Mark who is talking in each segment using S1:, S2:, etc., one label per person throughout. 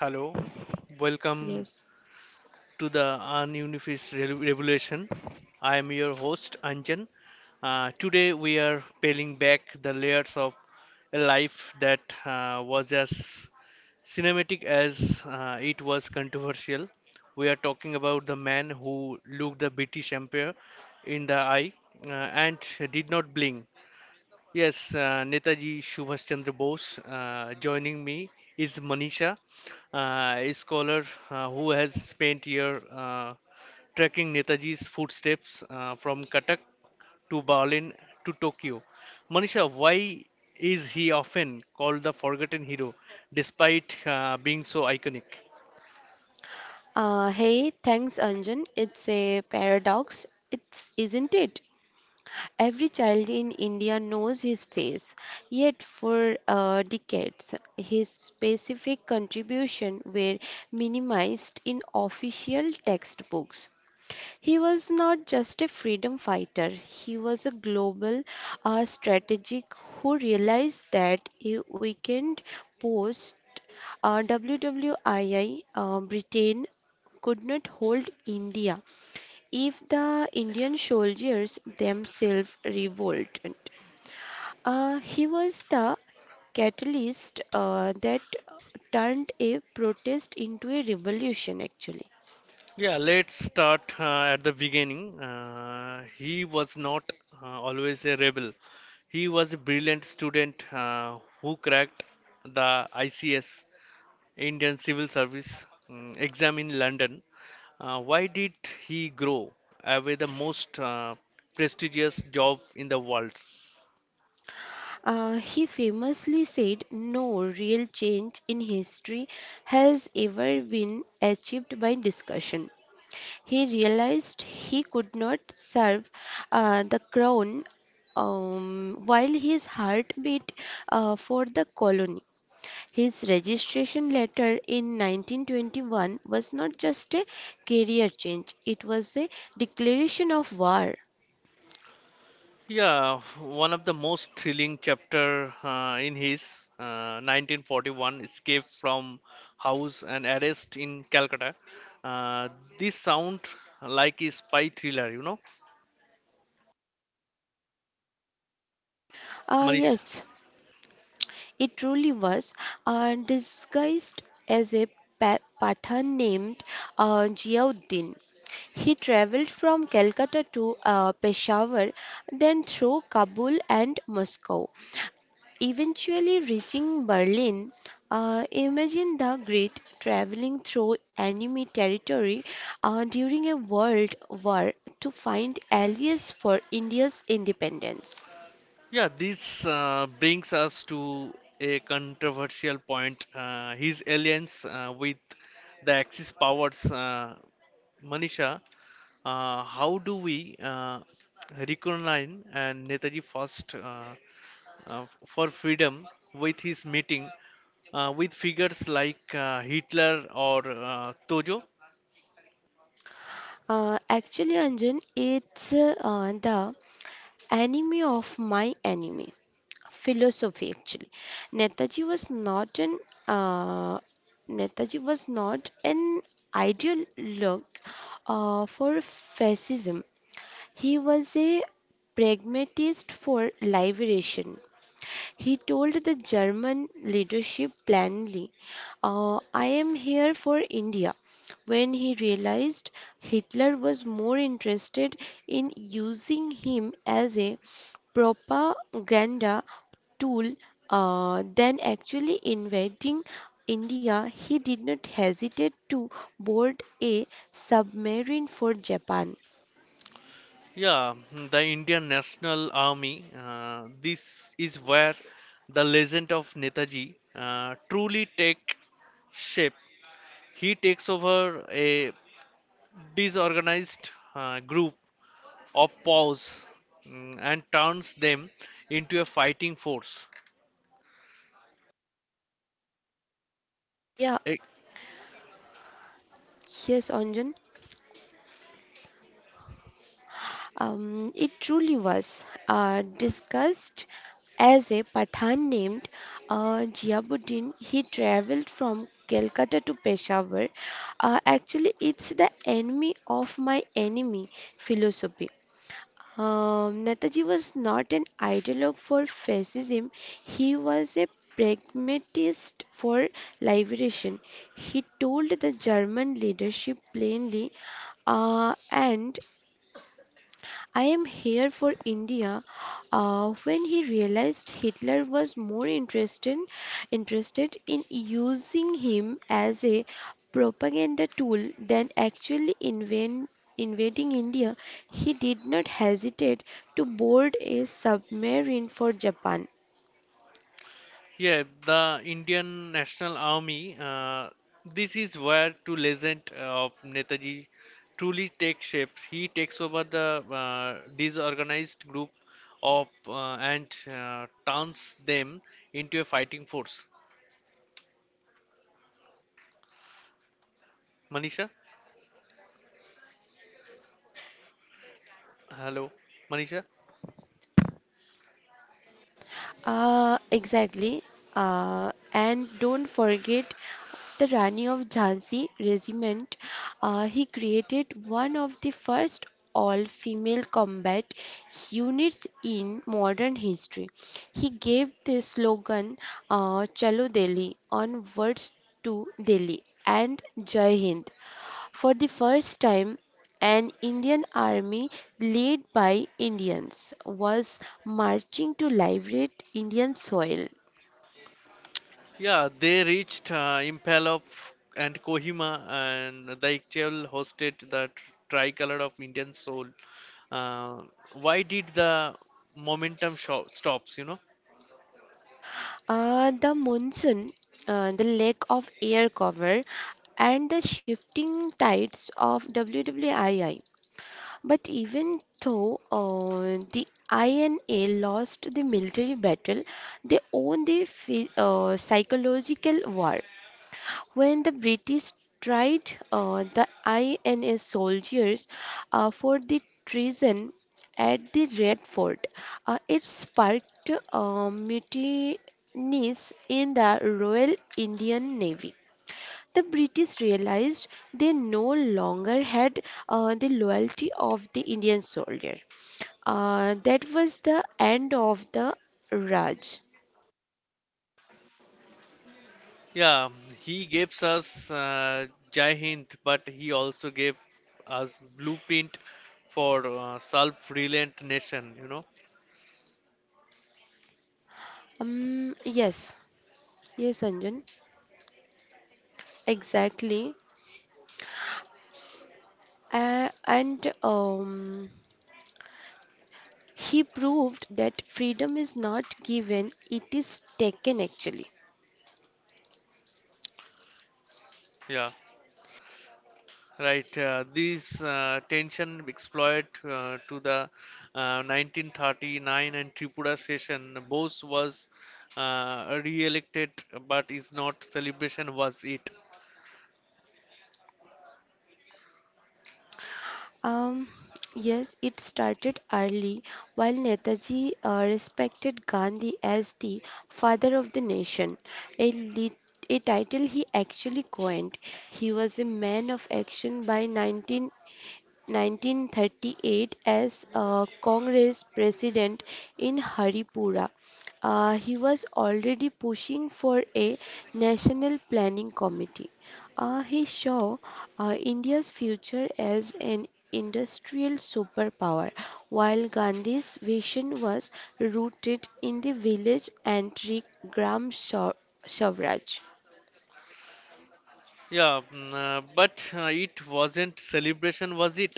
S1: Hello, welcome
S2: Yes.
S1: to the Ununifist Re- Revolution. I am your host Anjan. Today we are peeling back the layers of a life that was as cinematic as it was controversial. We are talking about the man who looked the British Empire in the eye and did not blink. Yes, Netaji Subhash Chandra Bose. Joining me is Manisha, a scholar who has spent year tracking Netaji's footsteps from Katak to Berlin to Tokyo. Manisha, why is he often called the forgotten hero despite being so iconic?
S2: Uh, hey, Thanks, Anjan. It's a paradox, it's isn't it? Every child in India knows his face, yet for decades, his specific contribution were minimized in official textbooks. He was not just a freedom fighter, he was a global strategic who realized that a weakened post WWII Britain could not hold India if the Indian soldiers themselves revolted. He was the catalyst that turned a protest into a revolution actually.
S1: Yeah, let's start at the beginning. He was not always a rebel. He was a brilliant student who cracked the ICS, Indian Civil Service exam in London. Why did he grow away the most prestigious job in the world?
S2: He famously said, "No real change in history has ever been achieved by discussion." He realized he could not serve the crown while his heart beat for the colony. His registration letter in 1921 was not just a career change, it was a declaration of war.
S1: Yeah, one of the most thrilling chapter in his 1941 escape from house and arrest in Calcutta. Uh, this sound like a spy thriller, you know, Manish.
S2: Yes, it truly was disguised as a Pathan named Ziauddin. He traveled from Calcutta to Peshawar, then through Kabul and Moscow, eventually reaching Berlin. Imagine the great traveling through enemy territory during a world war to find allies for India's independence.
S1: Yeah, this brings us to a controversial point. His alliance with the Axis powers, Manisha. How do we recognize and Netaji first? For freedom with his meeting with figures like Hitler or Tojo.
S2: Actually, Anjan, it's the enemy of my enemy philosophy. Actually, Netaji was not an uh, Netaji was not an ideal look for fascism. He was a pragmatist for liberation. He told the German leadership plainly, "I am here for India." When he realized Hitler was more interested in using him as a propaganda tool than actually invading India, he did not hesitate to board a submarine for Japan.
S1: Yeah, the Indian National Army. This is where the legend of Netaji truly takes shape. He takes over a disorganized group of paws and turns them into a fighting force.
S2: Yeah, Yes, Anjan, it truly was discussed as a Pathan named Jiabuddin. He traveled from Calcutta to Peshawar. Actually, it's the enemy of my enemy philosophy. Netaji was not an ideologue for fascism, he was a pragmatist for liberation. He told the German leadership plainly and I am here for India. When he realized Hitler was more interested in using him as a propaganda tool than actually invading India, he did not hesitate to board a submarine for Japan.
S1: Yeah, the Indian National Army. This is where to legend of Netaji truly takes shape. He takes over the disorganized group of and turns them into a fighting force. Manisha, hello, Manisha.
S2: Exactly. And don't forget the Rani of Jhansi regiment. He created one of the first all-female combat units in modern history. He gave the slogan "Chalo Delhi," onwards to Delhi, and Jai Hind. For the first time, an Indian army led by Indians was marching to liberate Indian soil.
S1: Yeah, they reached Impala and Kohima, and the Iktial hosted the tricolor of Indian soul. Uh, why did the momentum stops? You know?
S2: The monsoon, the lack of air cover, and the shifting tides of WWII. But even though the INA lost the military battle, they won the psychological war. When the British tried the INS soldiers for the treason at the Red Fort, it sparked mutinies in the Royal Indian Navy. The British realized they no longer had the loyalty of the Indian soldier. That was the end of the Raj.
S1: Yeah, he gave us Jai Hind, but he also gave us blueprint for self-reliant nation. You know?
S2: Yes, yes, Anjan, exactly. And he proved that freedom is not given, it is taken actually.
S1: Yeah. Right, these tension exploit to the 1939 and Tripura session. Bose was re-elected, but is not celebration was it?
S2: Um, yes, it started early. While Netaji respected Gandhi as the father of the nation, a, lit- a title he actually coined, he was a man of action. by 19. 1938, as a Congress president in Haripura, he was already pushing for a national planning committee. He saw India's future as an industrial superpower, while Gandhi's vision was rooted in the village and Gram Swa- Swaraj.
S1: Yeah, mm, but It wasn't celebration was it?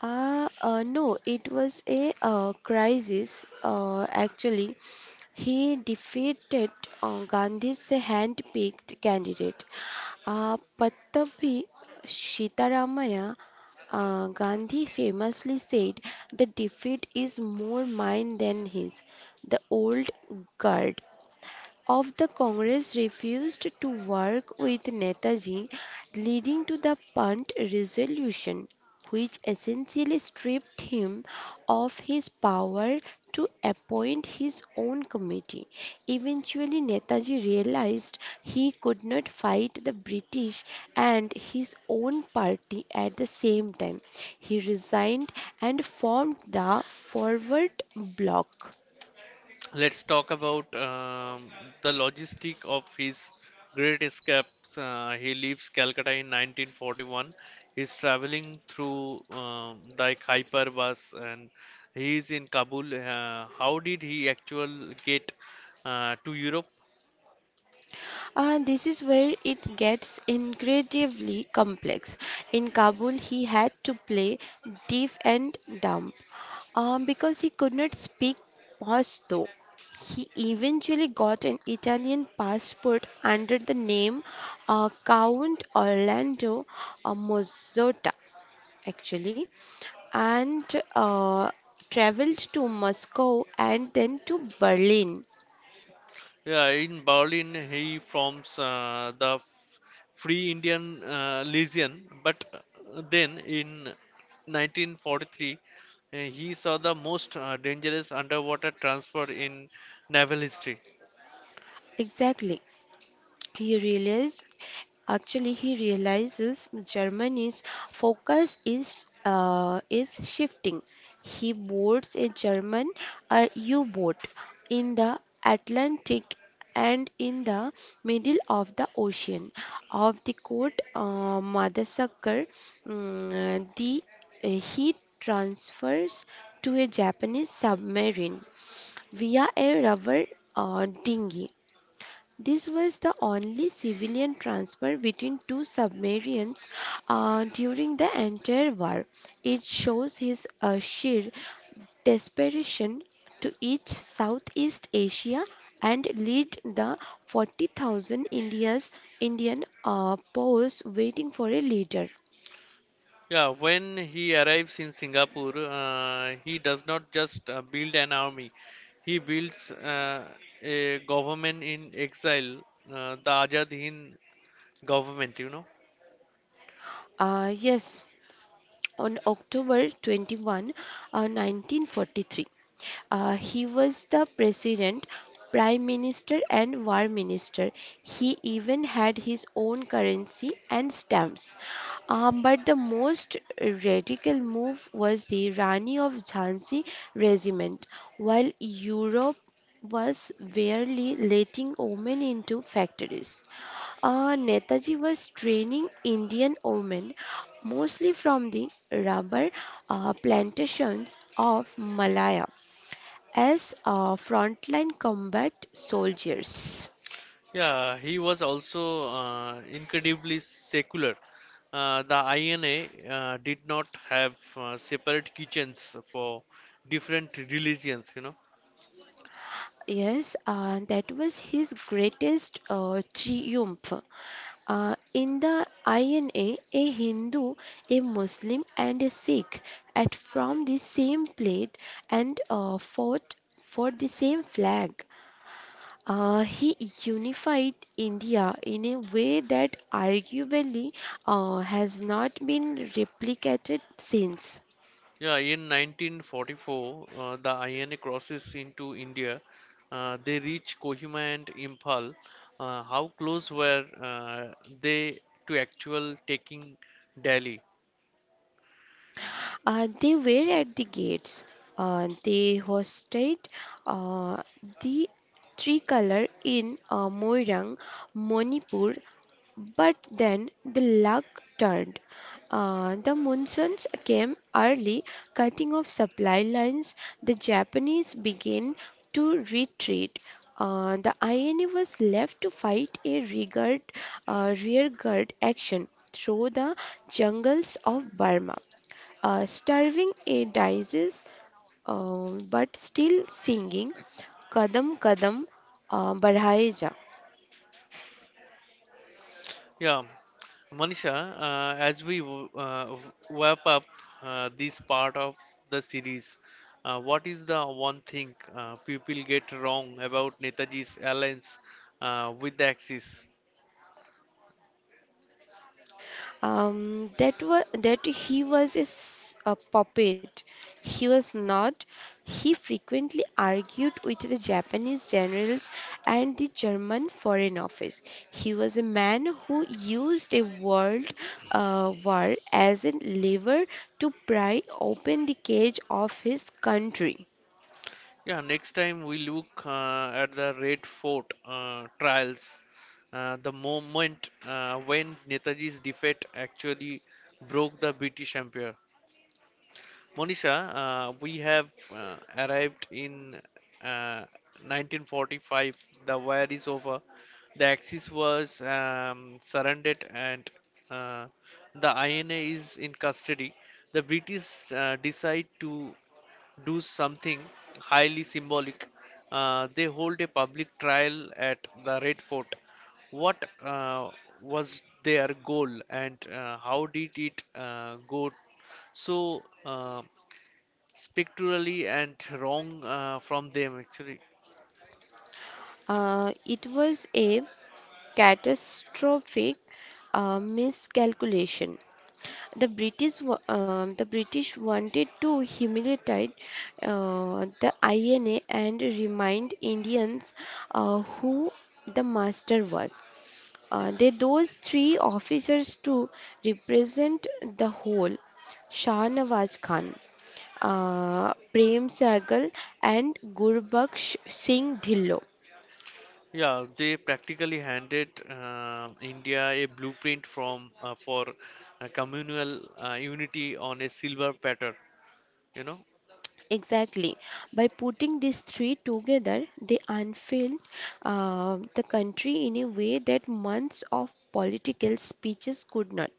S2: No, it was a crisis. Actually, he defeated Gandhi's hand-picked candidate, Pattavi Sitaramaya. Gandhi famously said, "The defeat is more mine than his." The old guard of the Congress refused to work with Netaji, leading to the Punt Resolution, which essentially stripped him of his power to appoint his own committee. Eventually, Netaji realized he could not fight the British and his own party at the same time. He resigned and formed the Forward Bloc.
S1: Let's talk about the logistic of his great escapes. He leaves Calcutta in 1941. He's traveling through the hyperbus and he is in Kabul. How did he actually get to Europe?
S2: This is where it gets incredibly complex. In Kabul, he had to play deaf and dumb because he could not speak Pashto. He eventually got an Italian passport under the name Count Orlando Mazzotta, actually, and uh, traveled to Moscow and then to Berlin.
S1: Yeah, in Berlin, he forms the Free Indian Legion, but then in 1943, he saw the most dangerous underwater transfer in naval history.
S2: Exactly. He realized, he realizes Germany's focus is shifting. He boards a German U-boat in the Atlantic, and in the middle of the ocean, Of the quote, Madasakar, mm, the he transfers to a Japanese submarine via a rubber dinghy. This was the only civilian transfer between two submarines during the entire war. It shows his sheer desperation to reach Southeast Asia and lead the 40,000 India's Indian pause waiting for a leader.
S1: Yeah, when he arrives in Singapore, he does not just build an army, he builds a government in exile, the Azad Hind government, you know.
S2: Yes, on October 21, 1943. He was the president, prime minister, and war minister. He even had his own currency and stamps. But the most radical move was the Rani of Jhansi regiment. While Europe was barely letting women into factories, Netaji was training Indian women, mostly from the rubber plantations of Malaya, as frontline combat soldiers.
S1: Yeah, he was also incredibly secular. The INA did not have separate kitchens for different religions, you know.
S2: Yes, that was his greatest triumph. In the INA, a Hindu, a Muslim, and a Sikh at from the same plate and fought for the same flag. He unified India in a way that arguably has not been replicated since.
S1: Yeah, in 1944, the INA crosses into India. They reach Kohima and Imphal. How close were they to actual taking Delhi?
S2: They were at the gates. They hosted uh, the tricolor in Moirang, Manipur, but then the luck turned. The monsoons came early, cutting off supply lines. The Japanese began to retreat. The INA was left to fight a rearguard action through the jungles of Burma. Starving a disease, uh, but still singing Kadam Kadam Badhai Ja.
S1: Yeah, Manisha, as we wrap up this part of the series, what is the one thing people get wrong about Netaji's alliance with the Axis?
S2: That was that he was a puppet. He was not. He frequently argued with the Japanese generals and the German Foreign Office. He was a man who used a world war as a lever to pry open the cage of his country.
S1: Yeah, next time we look at the Red Fort trials, the moment when Netaji's defeat actually broke the British Empire. Monisha, we have arrived in uh, 1945. The war is over. The Axis was surrendered and uh, the INA is in custody. The British decide to do something highly symbolic. They hold a public trial at the Red Fort. What was their goal and how did it go so, spectrally and wrong from them actually?
S2: It was a catastrophic miscalculation. The British wanted to humiliate the INA and remind Indians who the master was. They those three officers to represent the whole: Shah Nawaz Khan, Prem Sehgal, and Gurbaksh Singh Dhillo.
S1: Yeah, they practically handed India a blueprint from for communal unity on a silver platter, you know.
S2: Exactly. By putting these three together, they unfurled the country in a way that months of political speeches could not.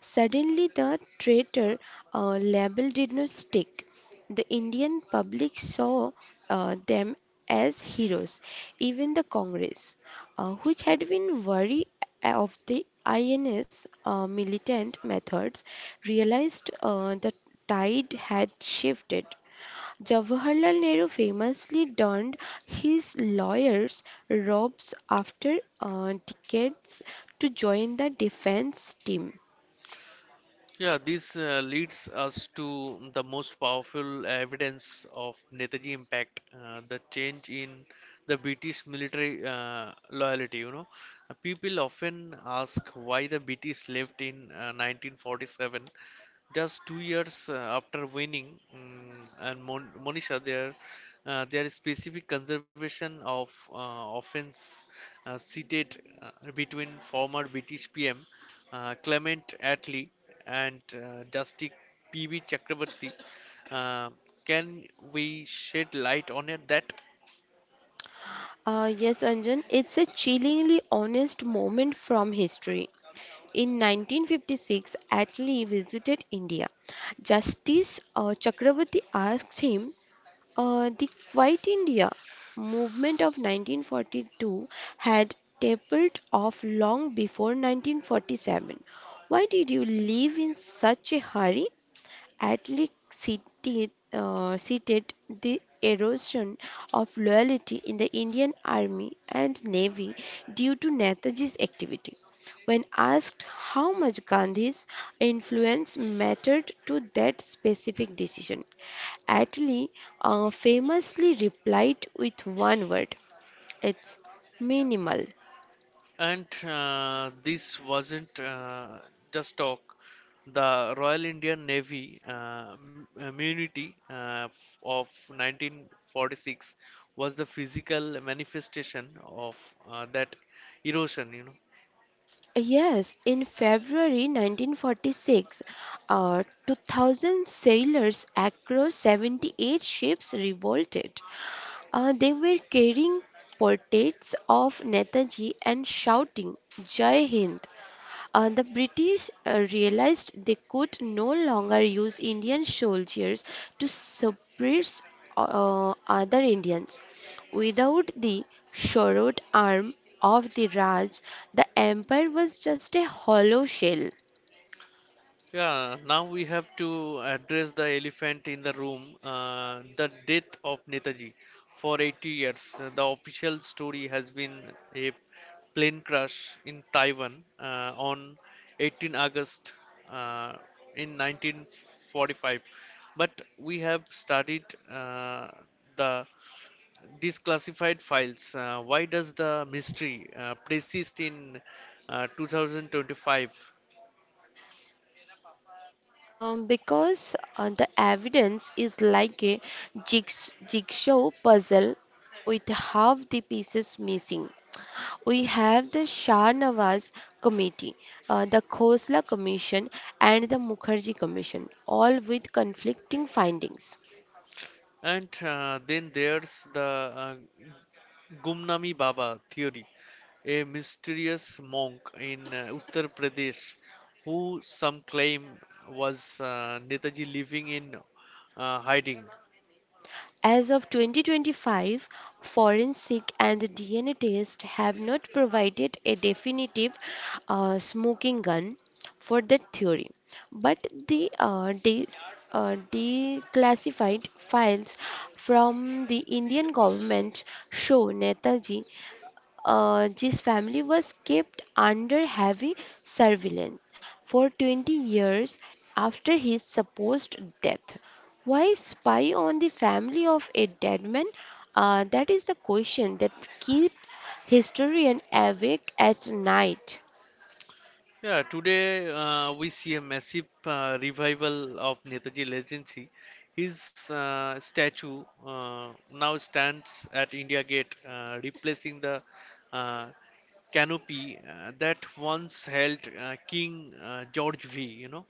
S2: Suddenly, the traitor label did not stick. The Indian public saw them as heroes. Even the Congress, which had been wary of the INS militant methods, realized the tide had shifted. Jawaharlal Nehru famously donned his lawyer's robes after decades to join the defense team.
S1: Yeah, this leads us to the most powerful evidence of Netaji impact, the change in the British military loyalty. You know, people often ask why the British left in 1947, just 2 years after winning. mm Monisha, their specific conservation of offense seated between former British PM Clement Attlee and Dusty PB Chakrabarty. Uh, can we shed light on it that?
S2: Yes, Anjan, it's a chillingly honest moment from history. In 1956, Atlee visited India. Justice Chakraborty asked him, "The Quit India movement of 1942 had tapered off long before 1947. Why did you leave in such a hurry?" Atlee seated the erosion of loyalty in the Indian Army and Navy due to Netaji's activity. When asked how much Gandhi's influence mattered to that specific decision, Atlee famously replied with one word: it's minimal.
S1: And this wasn't just talk. The Royal Indian Navy immunity of 1946 was the physical manifestation of that erosion. You know,
S2: Yes, in February 1946, 2,000 sailors across 78 ships revolted. They were carrying portraits of Netaji and shouting, "Jai Hind." The British realized they could no longer use Indian soldiers to suppress other Indians. Without the sword arm of the Raj, the empire was just a hollow shell.
S1: yeah, now we have to address the elephant in the room, the death of Netaji. For 80 years, the official story has been a plane crash in Taiwan on 18 August uh, in 1945. But we have studied uh, the declassified files. Why does the mystery persist in 2025?
S2: Because the evidence is like a jigsaw puzzle with half the pieces missing. We have the Shah Nawaz Committee, the Khosla Commission, and the Mukherjee Commission, all with conflicting findings.
S1: And then there's the Gumnami Baba theory, a mysterious monk in Uttar Pradesh who some claim was Netaji living in hiding.
S2: As of 2025, forensic and DNA tests have not provided a definitive smoking gun for that theory, but the declassified files from the Indian government show Netaji his family was kept under heavy surveillance for 20 years after his supposed death. Why spy on the family of a dead man? That is the question that keeps historians awake at night.
S1: Yeah, today we see a massive revival of Netaji legacy. His statue now stands at India Gate, replacing the uh, canopy that once held King George V. You know,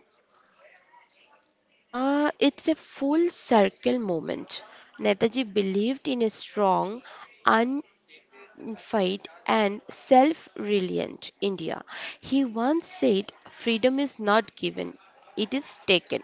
S2: It's a full circle moment. Netaji believed in a strong, fight and self reliant India. He once said, "Freedom is not given, it is taken."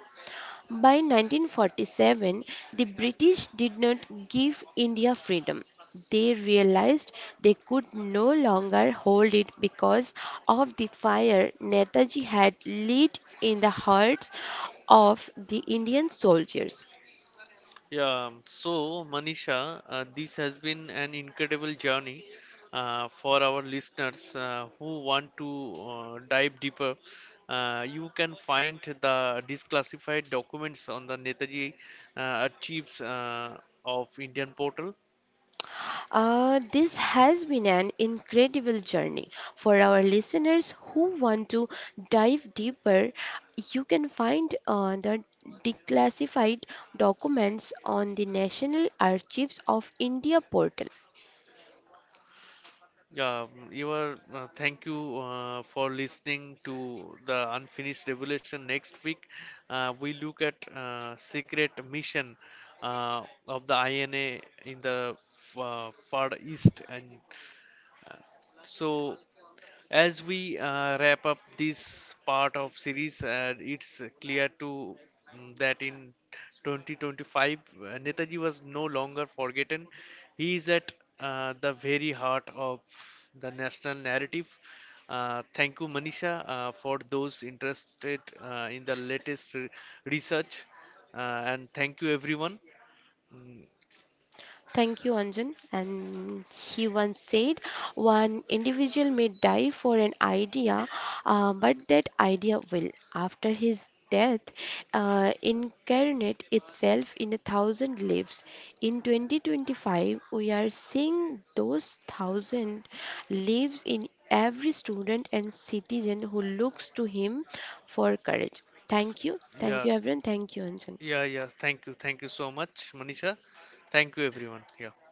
S2: By 1947, the British did not give India freedom. They realized they could no longer hold it because of the fire Netaji had lit in the hearts of the Indian soldiers.
S1: yeah. So, Manisha, this has been an incredible journey for our listeners who want to dive deeper. You can find the disclassified documents on the Netaji uh, Archives of Indian portal.
S2: This has been an incredible journey. For our listeners who want to dive deeper, you can find the declassified documents on the National Archives of India portal.
S1: Yeah, you are. Thank you for listening to the Unfinished Revolution. Next week, we look at secret mission uh, of the INA in the far east and so, as we wrap up this part of series, it's clear to that in 2025, Netaji was no longer forgotten. He is at the very heart of the national narrative. Thank you, Manisha, for those interested in the latest research, uh, and thank you, everyone. Mm,
S2: Thank you, Anjan. And he once said, "One individual may die for an idea, but that idea will, after his death, incarnate itself in a thousand lives." In 2025, we are seeing those thousand lives in every student and citizen who looks to him for courage. Thank you. Thank
S1: yeah,
S2: you, everyone. Thank you, Anjan.
S1: yeah. Thank you so much, Manisha. Thank you, everyone. Yeah.